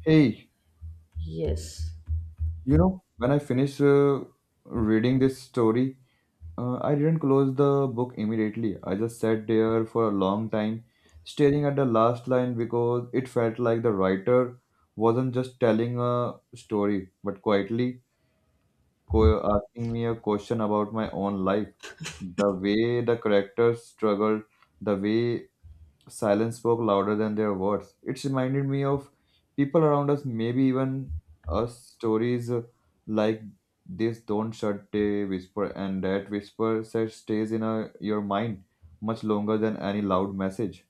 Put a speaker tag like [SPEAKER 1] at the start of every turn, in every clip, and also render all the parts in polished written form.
[SPEAKER 1] Hey,
[SPEAKER 2] Yes.
[SPEAKER 1] you know, when I finished reading this story, I didn't close the book immediately. I just sat there for a long time, staring at the last line because it felt like the writer wasn't just telling a story, but quietly asking me a question about my own life. The way the characters struggled, the way silence spoke louder than their words. It reminded me of people around us, maybe even us. Stories like this don't shut a whisper, and that whisper that stays in your mind much longer than any loud message.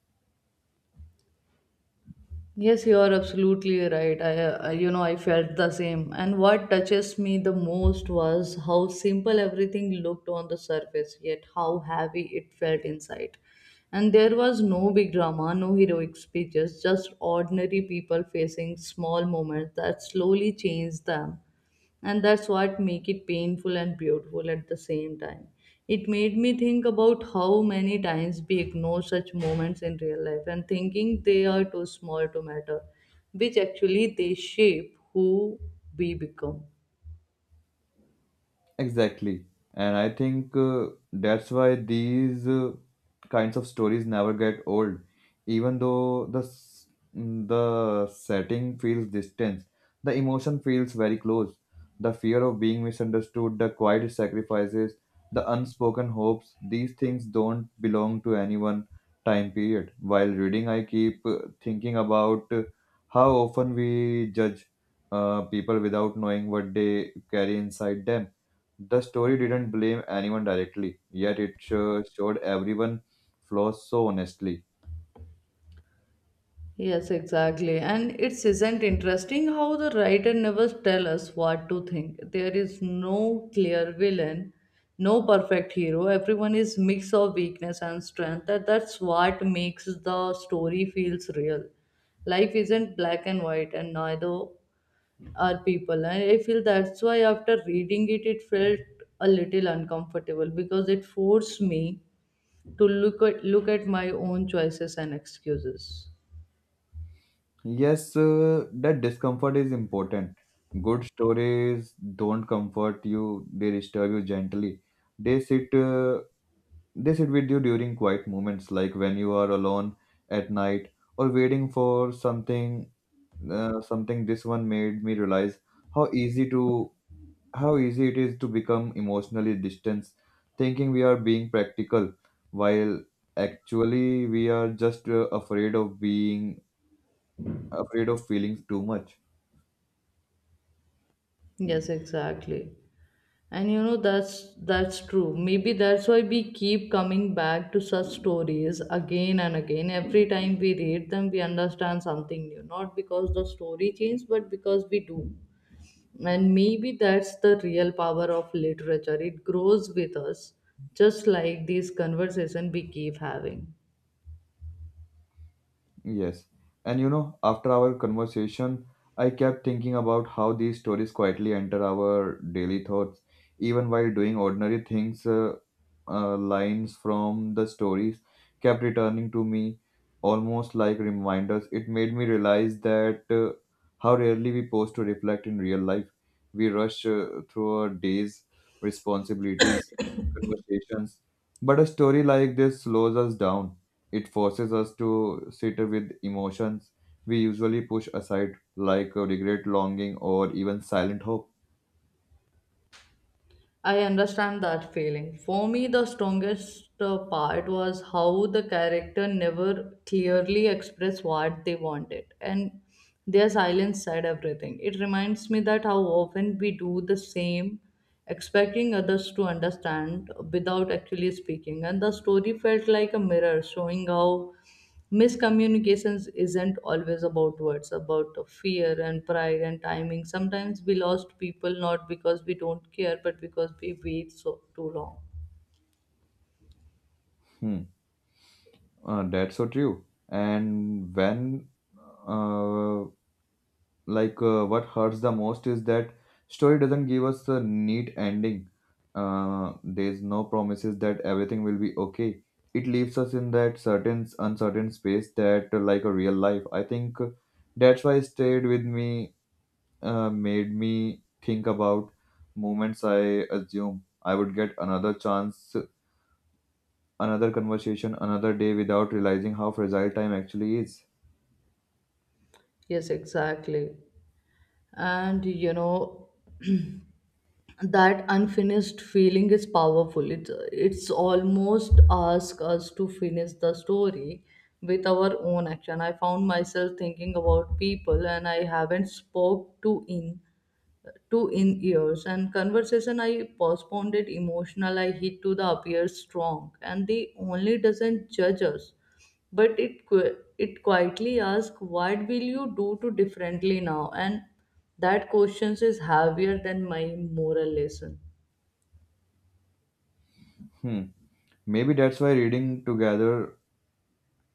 [SPEAKER 2] Yes, you are absolutely right. I, I felt the same. And what touches me the most was how simple everything looked on the surface, yet how heavy it felt inside. And there was no big drama, no heroic speeches, just ordinary people facing small moments that slowly changed them, and that's what make it painful and beautiful at the same time. It made me think about how many times we ignore such moments in real life and thinking they are too small to matter, which actually they shape who we become.
[SPEAKER 1] Exactly. And I think that's why these kinds of stories never get old. Even though the setting feels distant, the emotion feels very close. The fear of being misunderstood, the quiet sacrifices, the unspoken hopes, these things don't belong to any one time period. While reading, I keep thinking about how often we judge people without knowing what they carry inside them. The story didn't blame anyone directly, yet it showed everyone flaws so honestly.
[SPEAKER 2] Yes, exactly. And it's isn't interesting how the writer never tell us what to think. There is no clear villain, no perfect hero. Everyone is mix of weakness and strength. That's what makes the story feels real. Life isn't black and white, and neither are people. And I feel that's why after reading it, it felt a little uncomfortable because it forced me to look at my own choices and excuses.
[SPEAKER 1] Yes, that discomfort is important. Good stories don't comfort you; they disturb you gently. They sit, uh, they sit with you during quiet moments, like when you are alone at night or waiting for something. Something this one made me realize how easy to how easy it is to become emotionally distant, thinking we are being practical while actually we are just afraid of feeling too much.
[SPEAKER 2] Yes, exactly. And you know that's true. Maybe that's why we keep coming back to such stories again and again. Every time we read them, we understand something new. Not because the story changed, but because we do. And maybe that's the real power of literature. It grows with us, just like these conversation we keep having.
[SPEAKER 1] Yes. And you know, after our conversation, I kept thinking about how these stories quietly enter our daily thoughts, even while doing ordinary things. Lines from the stories kept returning to me almost like reminders. It made me realize that how rarely we pause to reflect in real life. We rush through our days, responsibilities, conversations. But a story like this slows us down. It forces us to sit with emotions we usually push aside, like regret, longing, or even silent hope.
[SPEAKER 2] I understand that feeling. For me, the strongest part was how the character never clearly expressed what they wanted, and their silence said everything. It reminds me that how often we do the same, expecting others to understand without actually speaking, and the story felt like a mirror showing how miscommunications isn't always about words, about fear and pride and timing. Sometimes we lost people not because we don't care, but because we wait so too long.
[SPEAKER 1] Hmm. That's so true. Uh, what hurts the most is that story doesn't give us a neat ending. There's no promises that everything will be okay. It leaves us in that certain uncertain space that, a real life. I think that's why it stayed with me, made me think about moments I assume I would get another chance, another conversation, another day without realizing how fragile time actually is.
[SPEAKER 2] Yes, exactly. And you know, that unfinished feeling is powerful. It's almost ask us to finish the story with our own action. I found myself thinking about people and I haven't spoke to in years, and conversation I postponed it emotional I hit to the appears strong and the only doesn't judge us, but it it quietly asks what will you do to differently now, and that question is heavier than my moral lesson.
[SPEAKER 1] Hmm. Maybe that's why reading together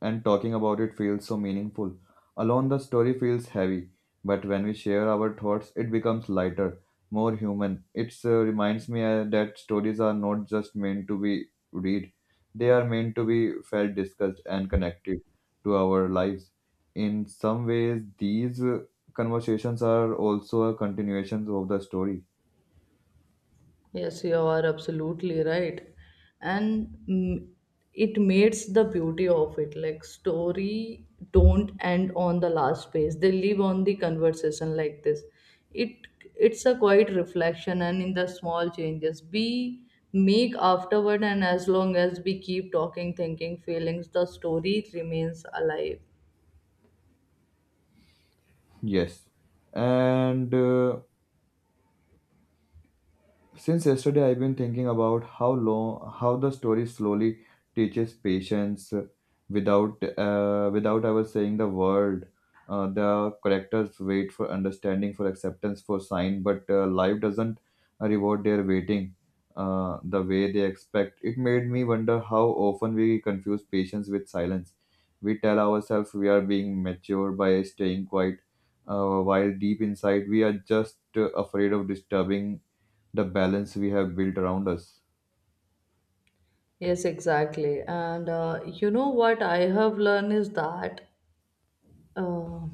[SPEAKER 1] and talking about it feels so meaningful. Alone, the story feels heavy, but when we share our thoughts, it becomes lighter, more human. It reminds me that stories are not just meant to be read, they are meant to be felt, discussed, and connected to our lives. In some ways, these conversations are also a continuation of the story.
[SPEAKER 2] Yes, you are absolutely right. And it makes the beauty of it. Like story don't end on the last page. They live on the conversation like this. It it's a quiet reflection and in the small changes we make afterward, and as long as we keep talking, thinking, feelings, the story remains alive.
[SPEAKER 1] Yes. And. Since yesterday, I've been thinking about how the story slowly teaches patience without ever saying the word. The characters wait for understanding, for acceptance, for sign, but life doesn't reward their waiting the way they expect. It made me wonder how often we confuse patience with silence. We tell ourselves we are being mature by staying quiet, while deep inside we are just afraid of disturbing the balance we have built around us.
[SPEAKER 2] Yes, exactly. And you know what I have learned is that, uh,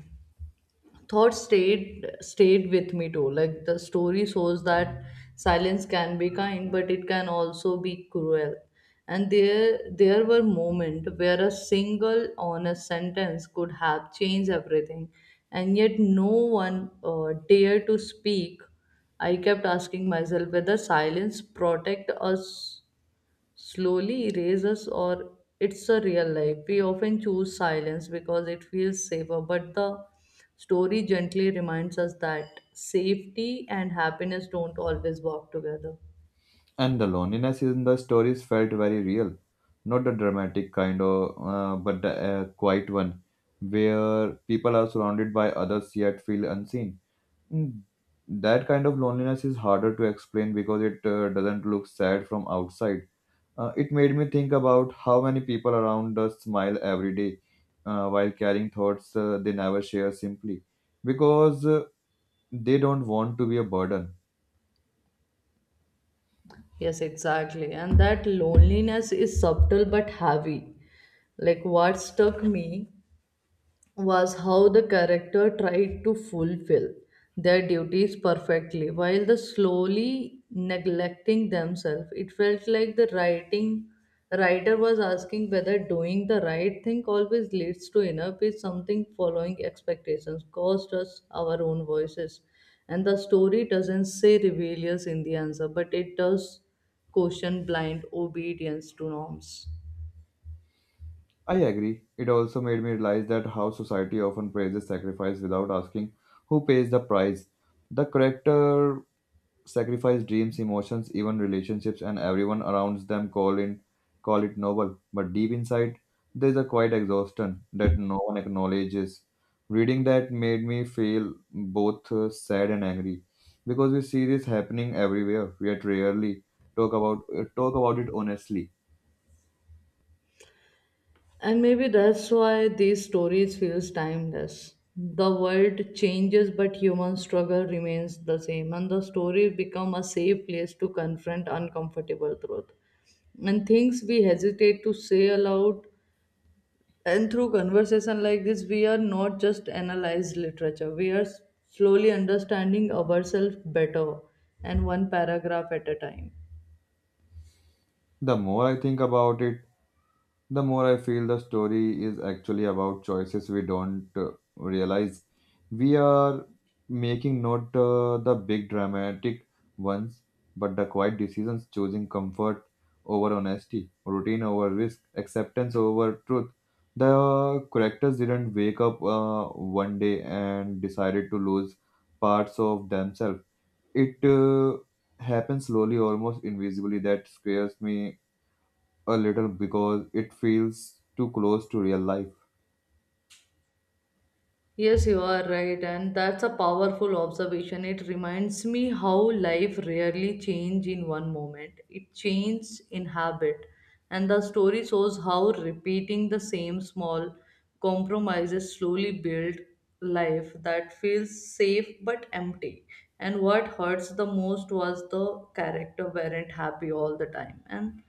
[SPEAKER 2] thought stayed with me too. Like the story shows that silence can be kind but it can also be cruel, and there were moments where a single honest sentence could have changed everything, and yet no one dared to speak. I kept asking myself whether silence protect us slowly erases or it's a real life. We often choose silence because it feels safer, but the story gently reminds us that safety and happiness don't always walk together.
[SPEAKER 1] And the loneliness in the stories felt very real, not the dramatic but the quiet one, where people are surrounded by others yet feel unseen. Mm, that kind of loneliness is harder to explain because it doesn't look sad from outside. It made me think about how many people around us smile every day while carrying thoughts they never share simply because they don't want to be a burden.
[SPEAKER 2] Yes, exactly. And that loneliness is subtle but heavy. Like what struck me was how the character tried to fulfill their duties perfectly while the slowly neglecting themselves. It felt like the writing writer was asking whether doing the right thing always leads to inner peace, something following expectations caused us our own voices, and the story doesn't say rebellious in the answer, but it does question blind obedience to norms.
[SPEAKER 1] I agree. It also made me realize that how society often praises sacrifice without asking who pays the price. The character sacrifice dreams, emotions, even relationships, and everyone around them call it noble. But deep inside, there's a quiet exhaustion that no one acknowledges. Reading that made me feel both sad and angry because we see this happening everywhere, yet rarely talk about it honestly.
[SPEAKER 2] And maybe that's why these stories feels timeless. The world changes but human struggle remains the same, and the stories become a safe place to confront uncomfortable truth. And things we hesitate to say aloud, and through conversation like this we are not just analyze literature. We are slowly understanding ourselves better, and one paragraph at a time.
[SPEAKER 1] The more I think about it, the more I feel the story is actually about choices we don't realize we are making, not the big dramatic ones, but the quiet decisions, choosing comfort over honesty, routine over risk, acceptance over truth. The characters didn't wake up one day and decided to lose parts of themselves. It happened slowly, almost invisibly. That scares me a little because it feels too close to real life.
[SPEAKER 2] Yes, you are right, and that's a powerful observation. It reminds me how life rarely changes in one moment. It changes in habit, and the story shows how repeating the same small compromises slowly build life that feels safe but empty. And what hurts the most was the character weren't happy all the time, and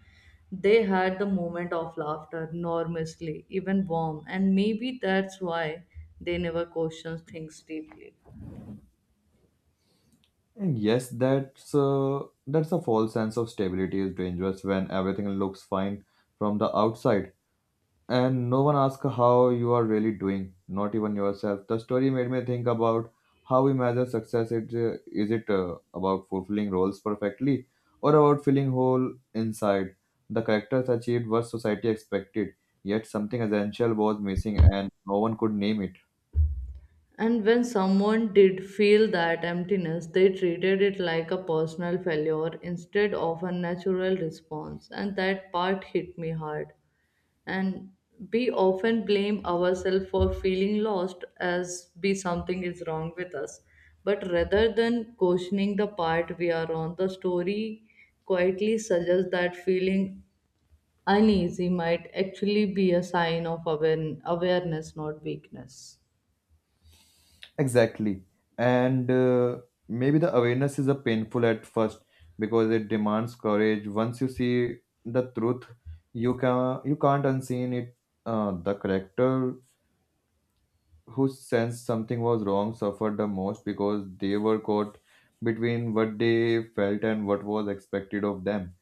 [SPEAKER 2] they had the moment of laughter enormously, even warm, and maybe that's why they never questioned things deeply.
[SPEAKER 1] And yes, that's a false sense of stability is dangerous when everything looks fine from the outside and no one asks how you are really doing, not even yourself. The story made me think about how we measure success. It is it about fulfilling roles perfectly or about feeling whole inside. The characters achieved what society expected, yet something essential was missing and no one could name it.
[SPEAKER 2] And when someone did feel that emptiness, they treated it like a personal failure instead of a natural response, and that part hit me hard. And we often blame ourselves for feeling lost as be something is wrong with us, but rather than questioning the part we are on, the story quietly suggests that feeling uneasy might actually be a sign of awareness, not weakness.
[SPEAKER 1] Exactly. And maybe the awareness is a painful at first because it demands courage. Once you see the truth, you can't unseen it. The character who sensed something was wrong suffered the most because they were caught between what they felt and what was expected of them.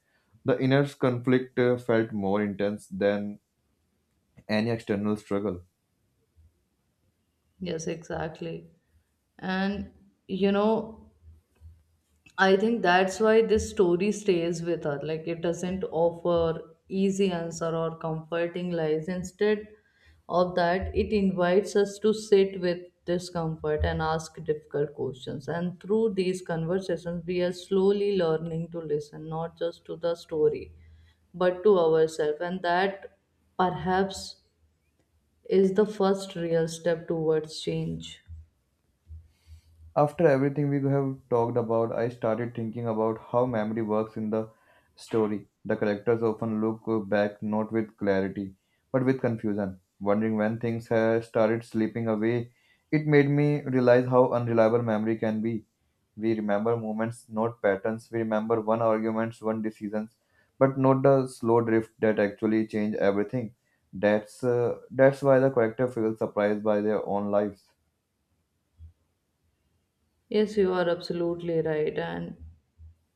[SPEAKER 1] The inner conflict felt more intense than any external struggle.
[SPEAKER 2] Yes, exactly. And you know, I think that's why this story stays with her. Like it doesn't offer easy answer or comforting lies. Instead of that, it invites us to sit with discomfort and ask difficult questions. And through these conversations, we are slowly learning to listen, not just to the story, but to ourselves. And that, perhaps, is the first real step towards change.
[SPEAKER 1] After everything we have talked about, I started thinking about how memory works in the story. The characters often look back not with clarity, but with confusion, wondering when things have started slipping away. It made me realize how unreliable memory can be. We remember moments, not patterns. We remember one arguments, one decisions, but not the slow drift that actually change everything. That's why the character feels surprised by their own lives.
[SPEAKER 2] Yes, you are absolutely right. And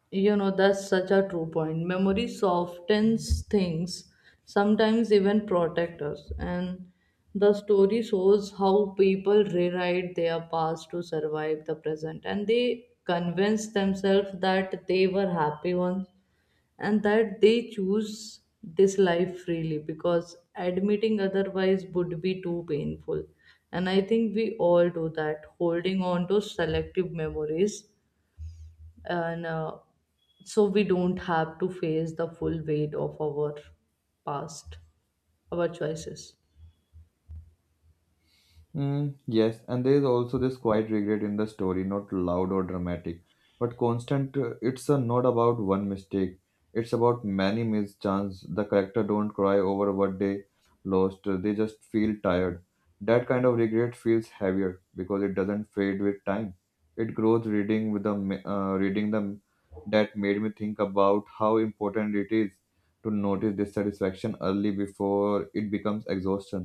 [SPEAKER 2] you know, that's such a true point. Memory softens things, sometimes even protect us. And the story shows how people rewrite their past to survive the present. And they convince themselves that they were happy ones, and that they choose this life freely because admitting otherwise would be too painful. And I think we all do that, holding on to selective memories and, so we don't have to face the full weight of our past, our choices.
[SPEAKER 1] Mm, yes, and there is also this quiet regret in the story, not loud or dramatic, but constant. It's not about one mistake; it's about many missed chances. The character don't cry over what they lost; they just feel tired. That kind of regret feels heavier because it doesn't fade with time. It grows reading the that made me think about how important it is to notice dissatisfaction early before it becomes exhaustion.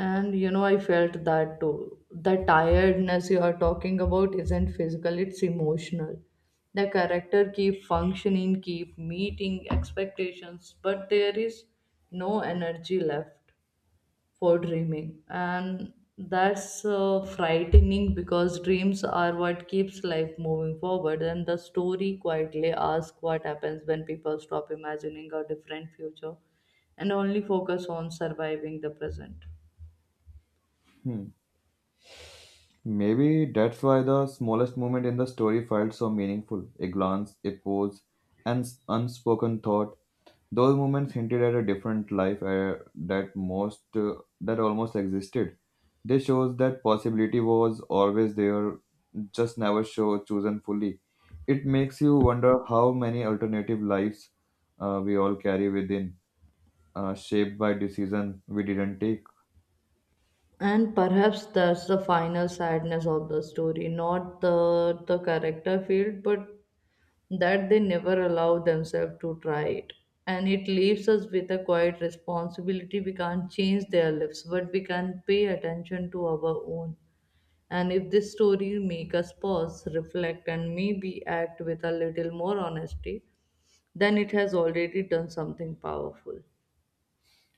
[SPEAKER 2] And you know, I felt that too. The tiredness you are talking about isn't physical, it's emotional. The character keep functioning, keep meeting expectations, but there is no energy left for dreaming. And that's frightening because dreams are what keeps life moving forward, and the story quietly asks what happens when people stop imagining a different future and only focus on surviving the present.
[SPEAKER 1] Hmm. Maybe that's why the smallest moment in the story felt so meaningful. A glance, a pose, unspoken thought. Those moments hinted at a different life that most uh, that almost existed. They shows that possibility was always there, just never show chosen fully. It makes you wonder how many alternative lives we all carry within, shaped by decision we didn't take.
[SPEAKER 2] And perhaps that's the final sadness of the story, not the character field, but that they never allow themselves to try it. And it leaves us with a quiet responsibility. We can't change their lives, but we can pay attention to our own. And if this story make us pause, reflect, and maybe act with a little more honesty, then it has already done something powerful.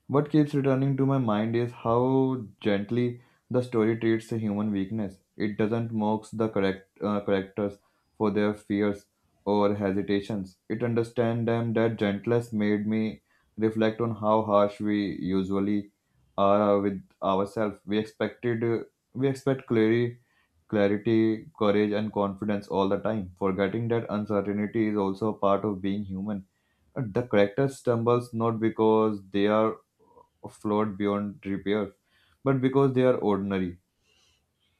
[SPEAKER 1] What keeps returning to my mind is how gently the story treats a human weakness. It doesn't mock the correct characters for their fears or hesitations. It understands them that gentleness made me reflect on how harsh we usually are with ourselves. We expect clarity, clarity, courage, and confidence all the time, forgetting that uncertainty is also a part of being human. The character stumbles not because they are flawed beyond repair, but because they are ordinary.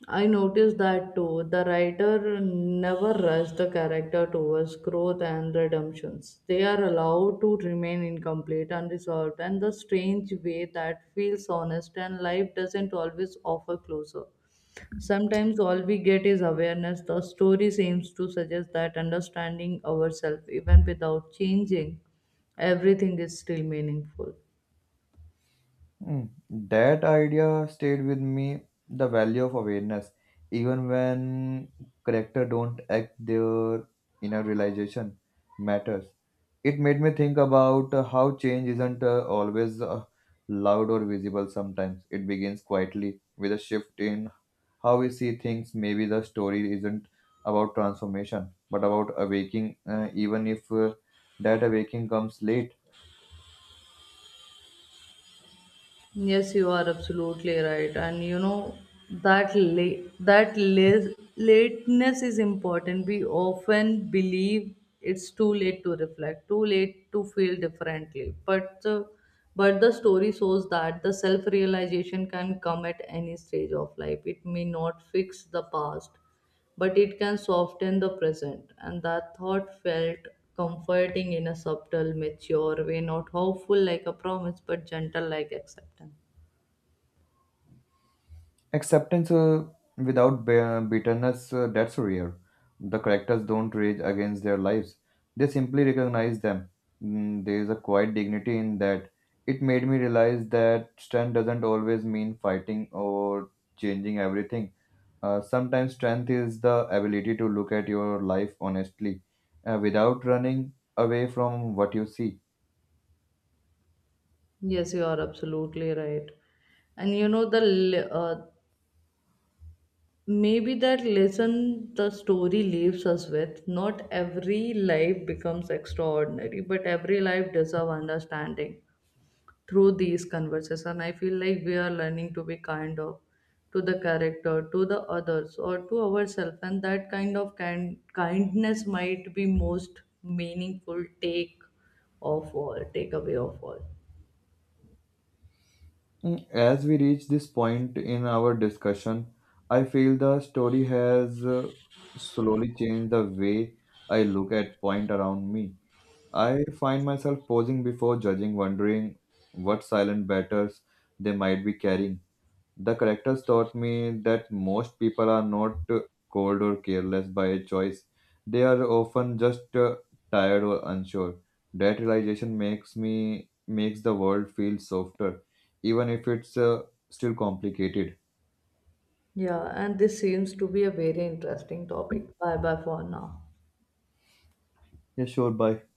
[SPEAKER 2] I noticed that too. The writer never rushed the character towards growth and redemptions. They are allowed to remain incomplete, unresolved, and the strange way that feels honest, and life doesn't always offer closure. Sometimes all we get is awareness. The story seems to suggest that understanding ourselves, even without changing everything, is still meaningful.
[SPEAKER 1] Hmm. That idea stayed with me the value of awareness. Even when character don't act their inner realization matters. It made me think about how change isn't always loud or visible sometimes. It begins quietly with a shift in how we see things. Maybe the story isn't about transformation, but about awaking, even if that awaking comes late.
[SPEAKER 2] Yes, you are absolutely right. And you know, lateness is important. We often believe it's too late to reflect, too late to feel differently. But the story shows that the self realization can come at any stage of life. It may not fix the past, but it can soften the present. And that thought felt comforting in a subtle, mature way, not hopeful like a promise, but gentle like acceptance.
[SPEAKER 1] Acceptance without bitterness, that's rare. The characters don't rage against their lives, they simply recognize them. Mm, there is a quiet dignity in that. It made me realize that strength doesn't always mean fighting or changing everything. Sometimes strength is the ability to look at your life honestly without running away from what you see.
[SPEAKER 2] Yes, you are absolutely right. And you know, the maybe that lesson the story leaves us with, not every life becomes extraordinary, but every life deserves understanding through these conversations. And I feel like we are learning to be kind of to the character, to the others, or to ourselves, and that kind of kind kindness might be most meaningful takeaway of all.
[SPEAKER 1] Mm, as we reach this point in our discussion, I feel the story has slowly changed the way I look at point around me. I find myself pausing before judging, wondering what silent batters they might be carrying. The characters taught me that most people are not cold or careless by choice. They are often just tired or unsure. That realization makes me makes the world feel softer, even if it's still complicated.
[SPEAKER 2] Yeah, and this seems to be a very interesting topic. Bye bye for now.
[SPEAKER 1] Yeah, sure. Bye.